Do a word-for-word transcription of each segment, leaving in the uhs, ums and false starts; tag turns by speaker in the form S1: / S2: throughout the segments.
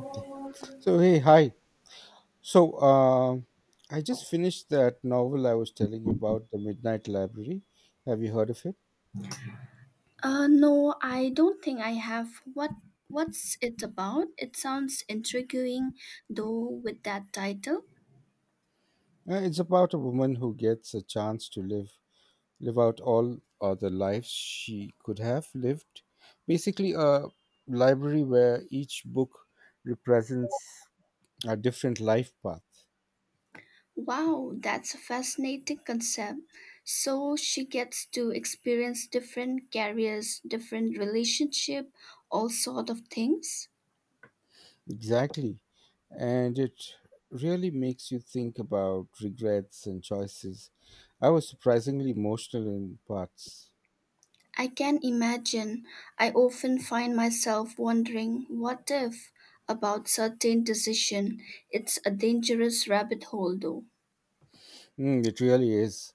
S1: Okay. So hey, hi. So um, I just finished that novel I was telling you about, The Midnight Library. Have you heard of it?
S2: Uh, no, I don't think I have. What what's it about? It sounds intriguing, though, with that title.
S1: Uh, it's about a woman who gets a chance to live live out all other lives she could have lived. Basically, a library where each book represents a different life path.
S2: Wow, that's a fascinating concept. So she gets to experience different careers, different relationship, all sort of things.
S1: Exactly. And it really makes you think about regrets and choices. I was surprisingly emotional in parts.
S2: I can imagine. I often find myself wondering what if about certain decision. It's a dangerous rabbit hole though.
S1: Mm, it really is.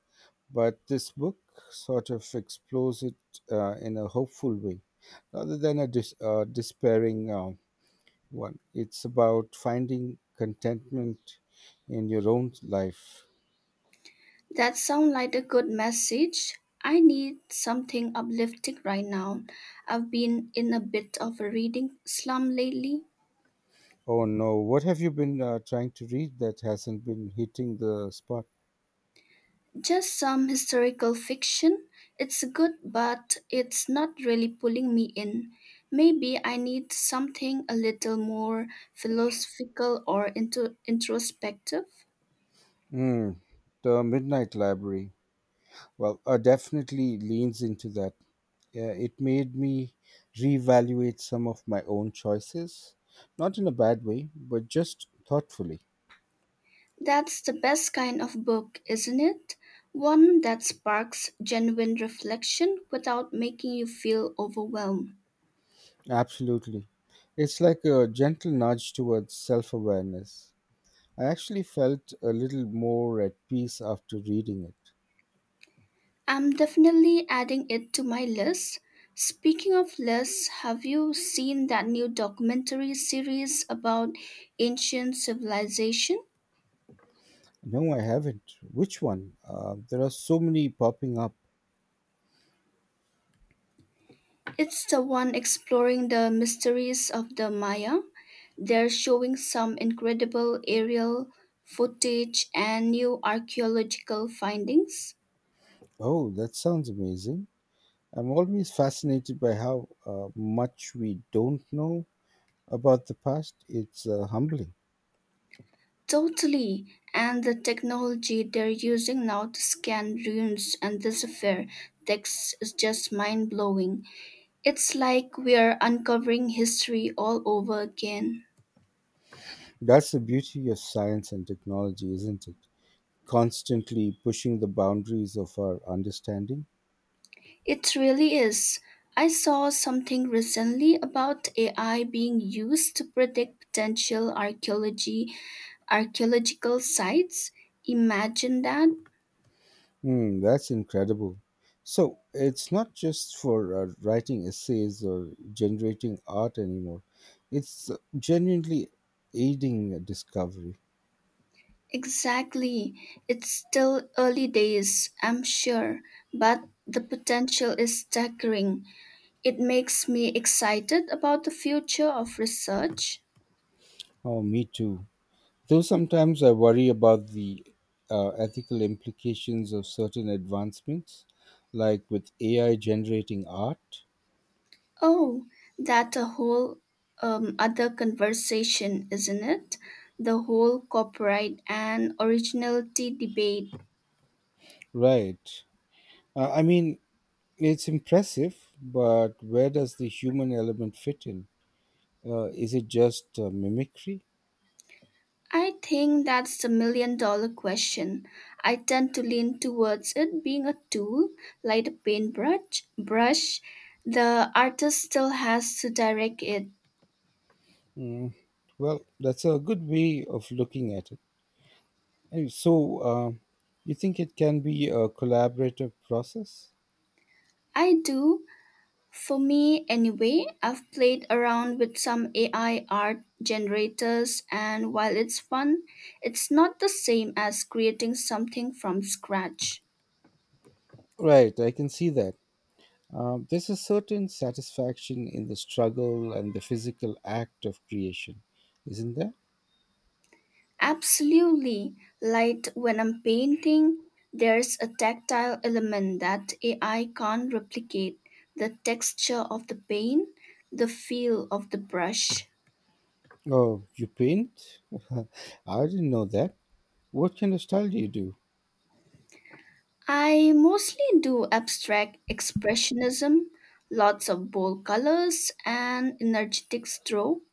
S1: But this book sort of explores it uh, in a hopeful way rather than a dis- uh, despairing uh, one. It's about finding contentment in your own life.
S2: That sounds like a good message. I need something uplifting right now. I've been in a bit of a reading slump lately.
S1: Oh no, what have you been uh, trying to read that hasn't been hitting the spot?
S2: Just some historical fiction. It's good, but it's not really pulling me in. Maybe I need something a little more philosophical or intro- introspective.
S1: Mm, the Midnight Library. Well, uh, definitely leans into that. Uh, it made me reevaluate some of my own choices, not in a bad way, but just thoughtfully.
S2: That's the best kind of book, isn't it? One that sparks genuine reflection without making you feel overwhelmed.
S1: Absolutely. It's like a gentle nudge towards self awareness. I actually felt a little more at peace after reading it.
S2: I'm definitely adding it to my list. Speaking of lists, have you seen that new documentary series about ancient civilization?
S1: No, I haven't. Which one? Uh, there are so many popping up.
S2: It's the one exploring the mysteries of the Maya. They're showing some incredible aerial footage and new archaeological findings.
S1: Oh, that sounds amazing. I'm always fascinated by how uh, much we don't know about the past. It's uh, humbling.
S2: Totally. And the technology they're using now to scan ruins and decipher texts is just mind blowing. It's like we're uncovering history all over again.
S1: That's the beauty of science and technology, isn't it? Constantly pushing the boundaries of our understanding.
S2: It really is. I saw something recently about A I being used to predict potential archaeology archaeological sites. Imagine that.
S1: Hmm, that's incredible. So it's not just for uh, writing essays or generating art anymore. It's uh, genuinely aiding discovery.
S2: Exactly. It's still early days, I'm sure, but the potential is staggering. It makes me excited about the future of research.
S1: Oh, me too. Though sometimes I worry about the uh, ethical implications of certain advancements, like with A I generating art.
S2: Oh, that's a whole um, other conversation, isn't it? The whole copyright and originality debate.
S1: Right. Uh, I mean, it's impressive, but where does the human element fit in? Uh, is it just uh, mimicry?
S2: I think that's the million dollar question. I tend to lean towards it being a tool, like a paintbrush. Brush. The artist still has to direct it.
S1: Mm, well, that's a good way of looking at it. And so, uh, you think it can be a collaborative process?
S2: I do, for me, anyway, I've played around with some A I art generators, and while it's fun, it's not the same as creating something from scratch.
S1: Right, I can see that. Um, there's a certain satisfaction in the struggle and the physical act of creation, isn't there?
S2: Absolutely, like when I'm painting, there's a tactile element that A I can't replicate the texture of the paint, the feel of the brush.
S1: Oh, you paint? I didn't know that. What kind of style do you do?
S2: I mostly do abstract expressionism, lots of bold colors and energetic stroke.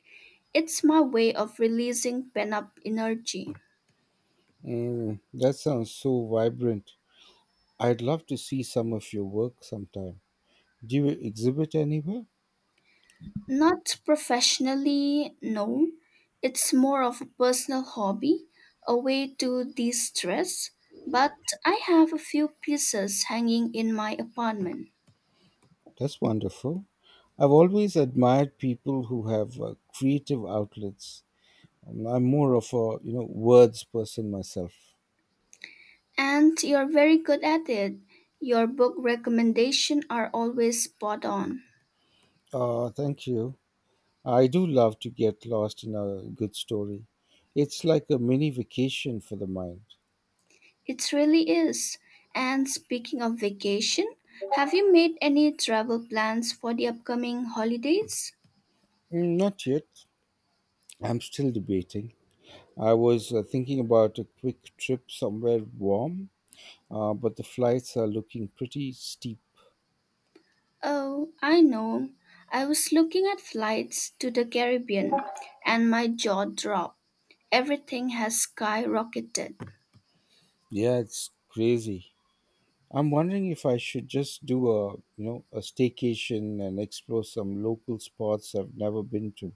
S2: It's my way of releasing pent up energy.
S1: Mm, that sounds so vibrant. I'd love to see some of your work sometime. Do you exhibit anywhere?
S2: Not professionally, no. It's more of a personal hobby, a way to de stress. But I have a few pieces hanging in my apartment.
S1: That's wonderful. I've always admired people who have uh, creative outlets. I'm I'm more of a you know words person myself.
S2: And you're very good at it. Your book recommendations are always spot on.
S1: Uh, thank you. I do love to get lost in a good story. It's like a mini vacation for the mind.
S2: It really is. And speaking of vacation, have you made any travel plans for the upcoming holidays?
S1: Mm, not yet. I'm still debating. I was uh, thinking about a quick trip somewhere warm, uh, but the flights are looking pretty steep.
S2: Oh, I know. I was looking at flights to the Caribbean and my jaw dropped. Everything has skyrocketed.
S1: Yeah, it's crazy. I'm wondering if I should just do a, you know, a staycation and explore some local spots I've never been to.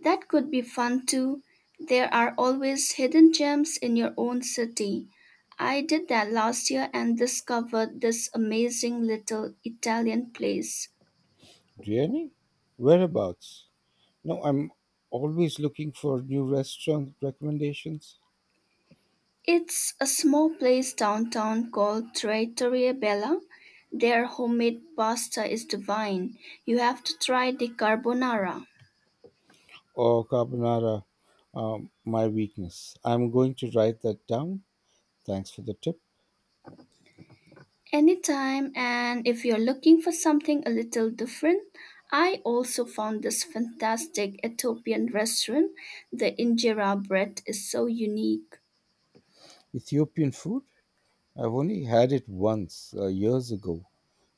S2: That could be fun too. There are always hidden gems in your own city. I did that last year and discovered this amazing little Italian place.
S1: Really? Whereabouts? No, I'm always looking for new restaurant recommendations.
S2: It's a small place downtown called Trattoria Bella. Their homemade pasta is divine. You have to try the carbonara
S1: Oh, carbonara, um, my weakness. I'm going to write that down. Thanks for the tip.
S2: anytime. And if you're looking for something a little different, I also found this fantastic Ethiopian restaurant. The injera bread is so unique.
S1: Ethiopian food. I've only had it once uh, years ago,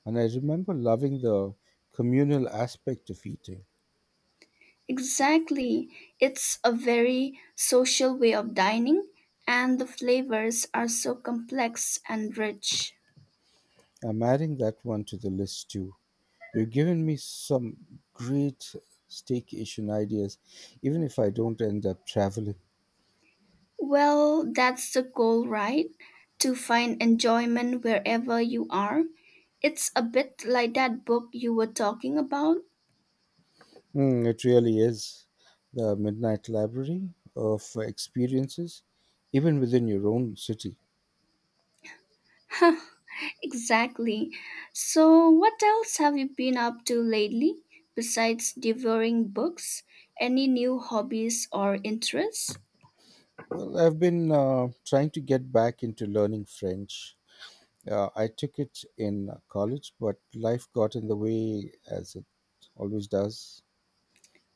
S1: and I remember loving the communal aspect of eating.
S2: Exactly. It's a very social way of dining, and the flavors are so complex and rich.
S1: I'm adding that one to the list too. You've given me some great staycation ideas, even if I don't end up traveling.
S2: Well, that's the goal, right? To find enjoyment wherever you are. It's a bit like that book you were talking about.
S1: Mm, it really is the midnight library of experiences, even within your own city.
S2: Exactly. So, what else have you been up to lately besides devouring books? Any new hobbies or interests?
S1: Well, I've been uh, trying to get back into learning French. Uh, I took it in college, but life got in the way as it always does.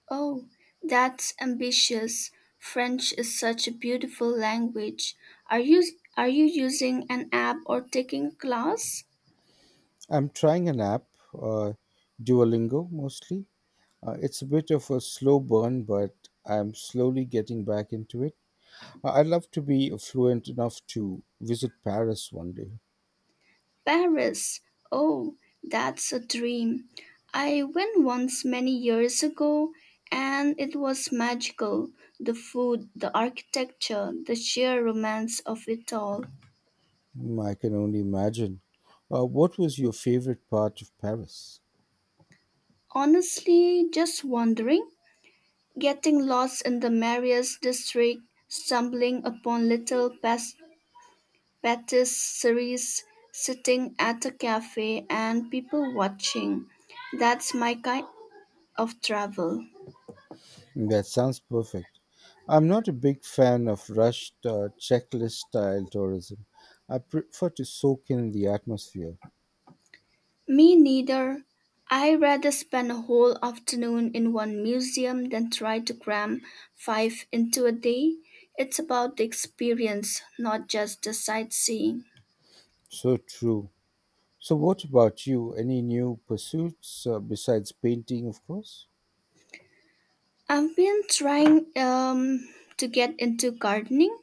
S2: Oh, that's ambitious. French is such a beautiful language. Are you are you using an app or taking a class?
S1: I'm trying an app, uh, Duolingo mostly. Uh, it's a bit of a slow burn, but I'm slowly getting back into it. I- I'd love to be fluent enough to visit Paris one day.
S2: Paris. Oh, that's a dream. I went once many years ago and it was magical. The food, the architecture, the sheer romance of it all.
S1: Mm, I can only imagine. Uh, what was your favorite part of Paris?
S2: Honestly, just wandering, getting lost in the Marius district, stumbling upon little pas- patisseries, sitting at a cafe and people watching. That's my kind of travel.
S1: Hmm, that sounds perfect. I'm not a big fan of rushed uh, checklist style tourism. I prefer to soak in the atmosphere.
S2: Me neither. I rather spend a whole afternoon in one museum than try to cram five into a day. It's about the experience, not just the sightseeing.
S1: So true. So, what about you? Any new pursuits uh, besides painting, of course?
S2: I've been trying um, to get into gardening.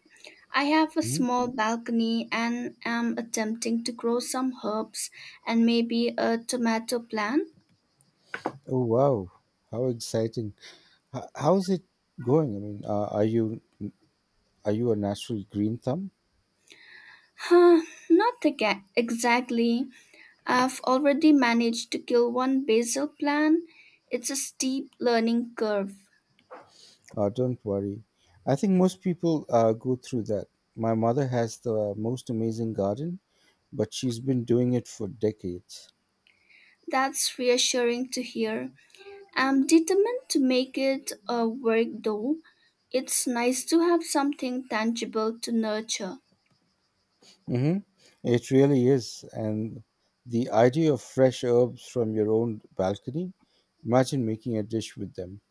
S2: I have a
S1: Hmm?
S2: small balcony and am attempting to grow some herbs and maybe a tomato plant.
S1: Oh wow! How exciting! H- how's it going? I mean, uh, are you are you a natural green thumb?
S2: Huh, not aga- exactly. I've already managed to kill one basil plant. It's a steep learning curve.
S1: Oh, don't worry. I think most people uh, go through that. My mother has the most amazing garden, but she's been doing it for decades.
S2: That's reassuring to hear. I'm determined to make it uh, work though. It's nice to have something tangible to nurture.
S1: Hmm. It really is. And the idea of fresh herbs from your own balcony, imagine making a dish with them.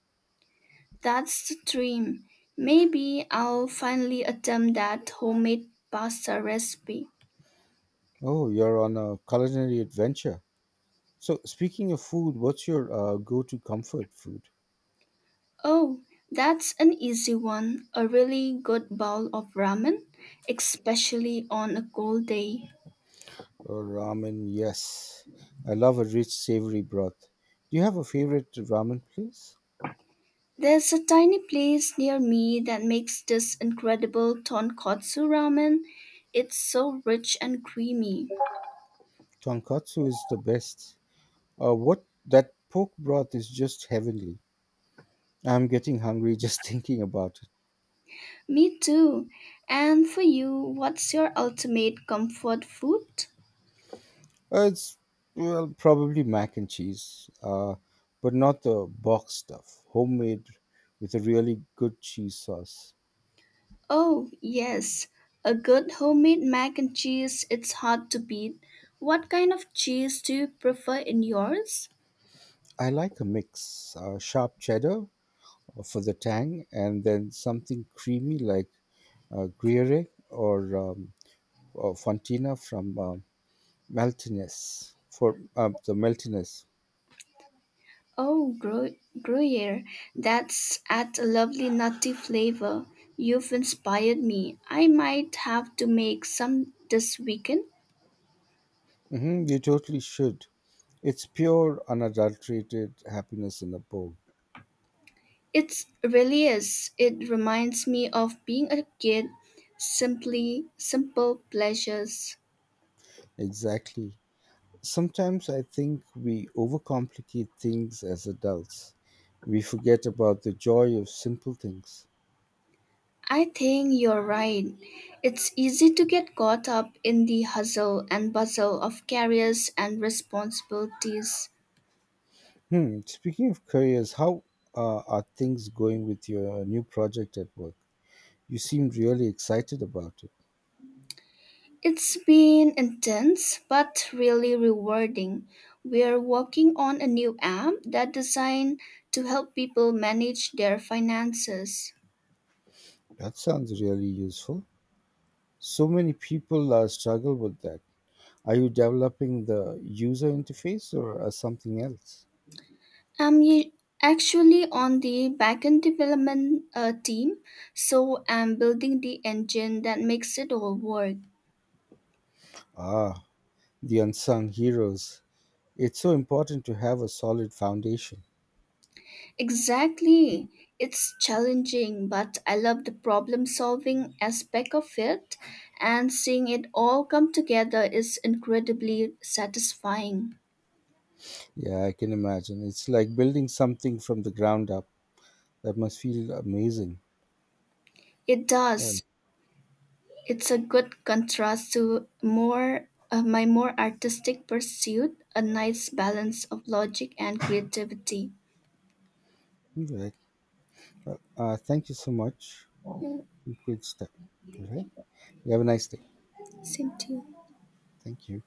S2: That's the dream. Maybe I'll finally attempt that homemade pasta recipe.
S1: Oh, you're on a culinary adventure. So, speaking of food, what's your uh, go to comfort food?
S2: Oh, that's an easy one. A really good bowl of ramen, especially on a cold day.
S1: Oh, ramen, yes. I love a rich, savory broth. Do you have a favorite ramen place?
S2: There's a tiny place near me that makes this incredible tonkotsu ramen. It's so rich and creamy.
S1: Tonkatsu is the best. Uh, what that pork broth is just heavenly. I'm getting hungry just thinking about it.
S2: Me too. And for you, what's your ultimate comfort food?
S1: Uh, it's well probably mac and cheese, uh, but not the box stuff. Homemade with a really good cheese sauce.
S2: Oh, yes. A good homemade mac and cheese, it's hard to beat. What kind of cheese do you prefer in yours?
S1: I like a mix: uh, sharp cheddar uh, for the tang, and then something creamy like uh, Gruyere or, um, or Fontina from uh, Maltines for uh, the Maltines.
S2: Oh, gru- Gruyere, that's at a lovely nutty flavor. You've inspired me. I might have to make some this weekend.
S1: Hmm, you totally should. It's pure, unadulterated happiness in a bowl.
S2: It really is. It reminds me of being a kid, simply simple pleasures.
S1: Exactly. Sometimes I think we overcomplicate things as adults. We forget about the joy of simple things.
S2: I think you're right. It's easy to get caught up in the hustle and bustle of careers and responsibilities.
S1: Hmm. Speaking of careers, how uh, are things going with your new project at work? You seem really excited about it.
S2: It's been intense but really rewarding. We're working on a new app that's designed to help people manage their finances.
S1: That sounds really useful. So many people uh, struggle with that. Are you developing the user interface or uh, something else?
S2: I'm u- Actually on the backend development uh, team, so I'm building the engine that makes it all work.
S1: Ah, the unsung heroes. It's so important to have a solid foundation.
S2: Exactly. It's challenging, but I love the problem solving aspect of it, and seeing it all come together is incredibly satisfying.
S1: Yeah, I can imagine. It's like building something from the ground up. That must feel amazing.
S2: It
S1: All right.
S2: does. It's a good contrast to more uh, my more artistic pursuit, a nice balance of logic and creativity.
S1: All right. Uh, thank you so much.
S2: Yeah,
S1: Good stuff. All right. You have a nice day.
S2: same to you.
S1: Thank you.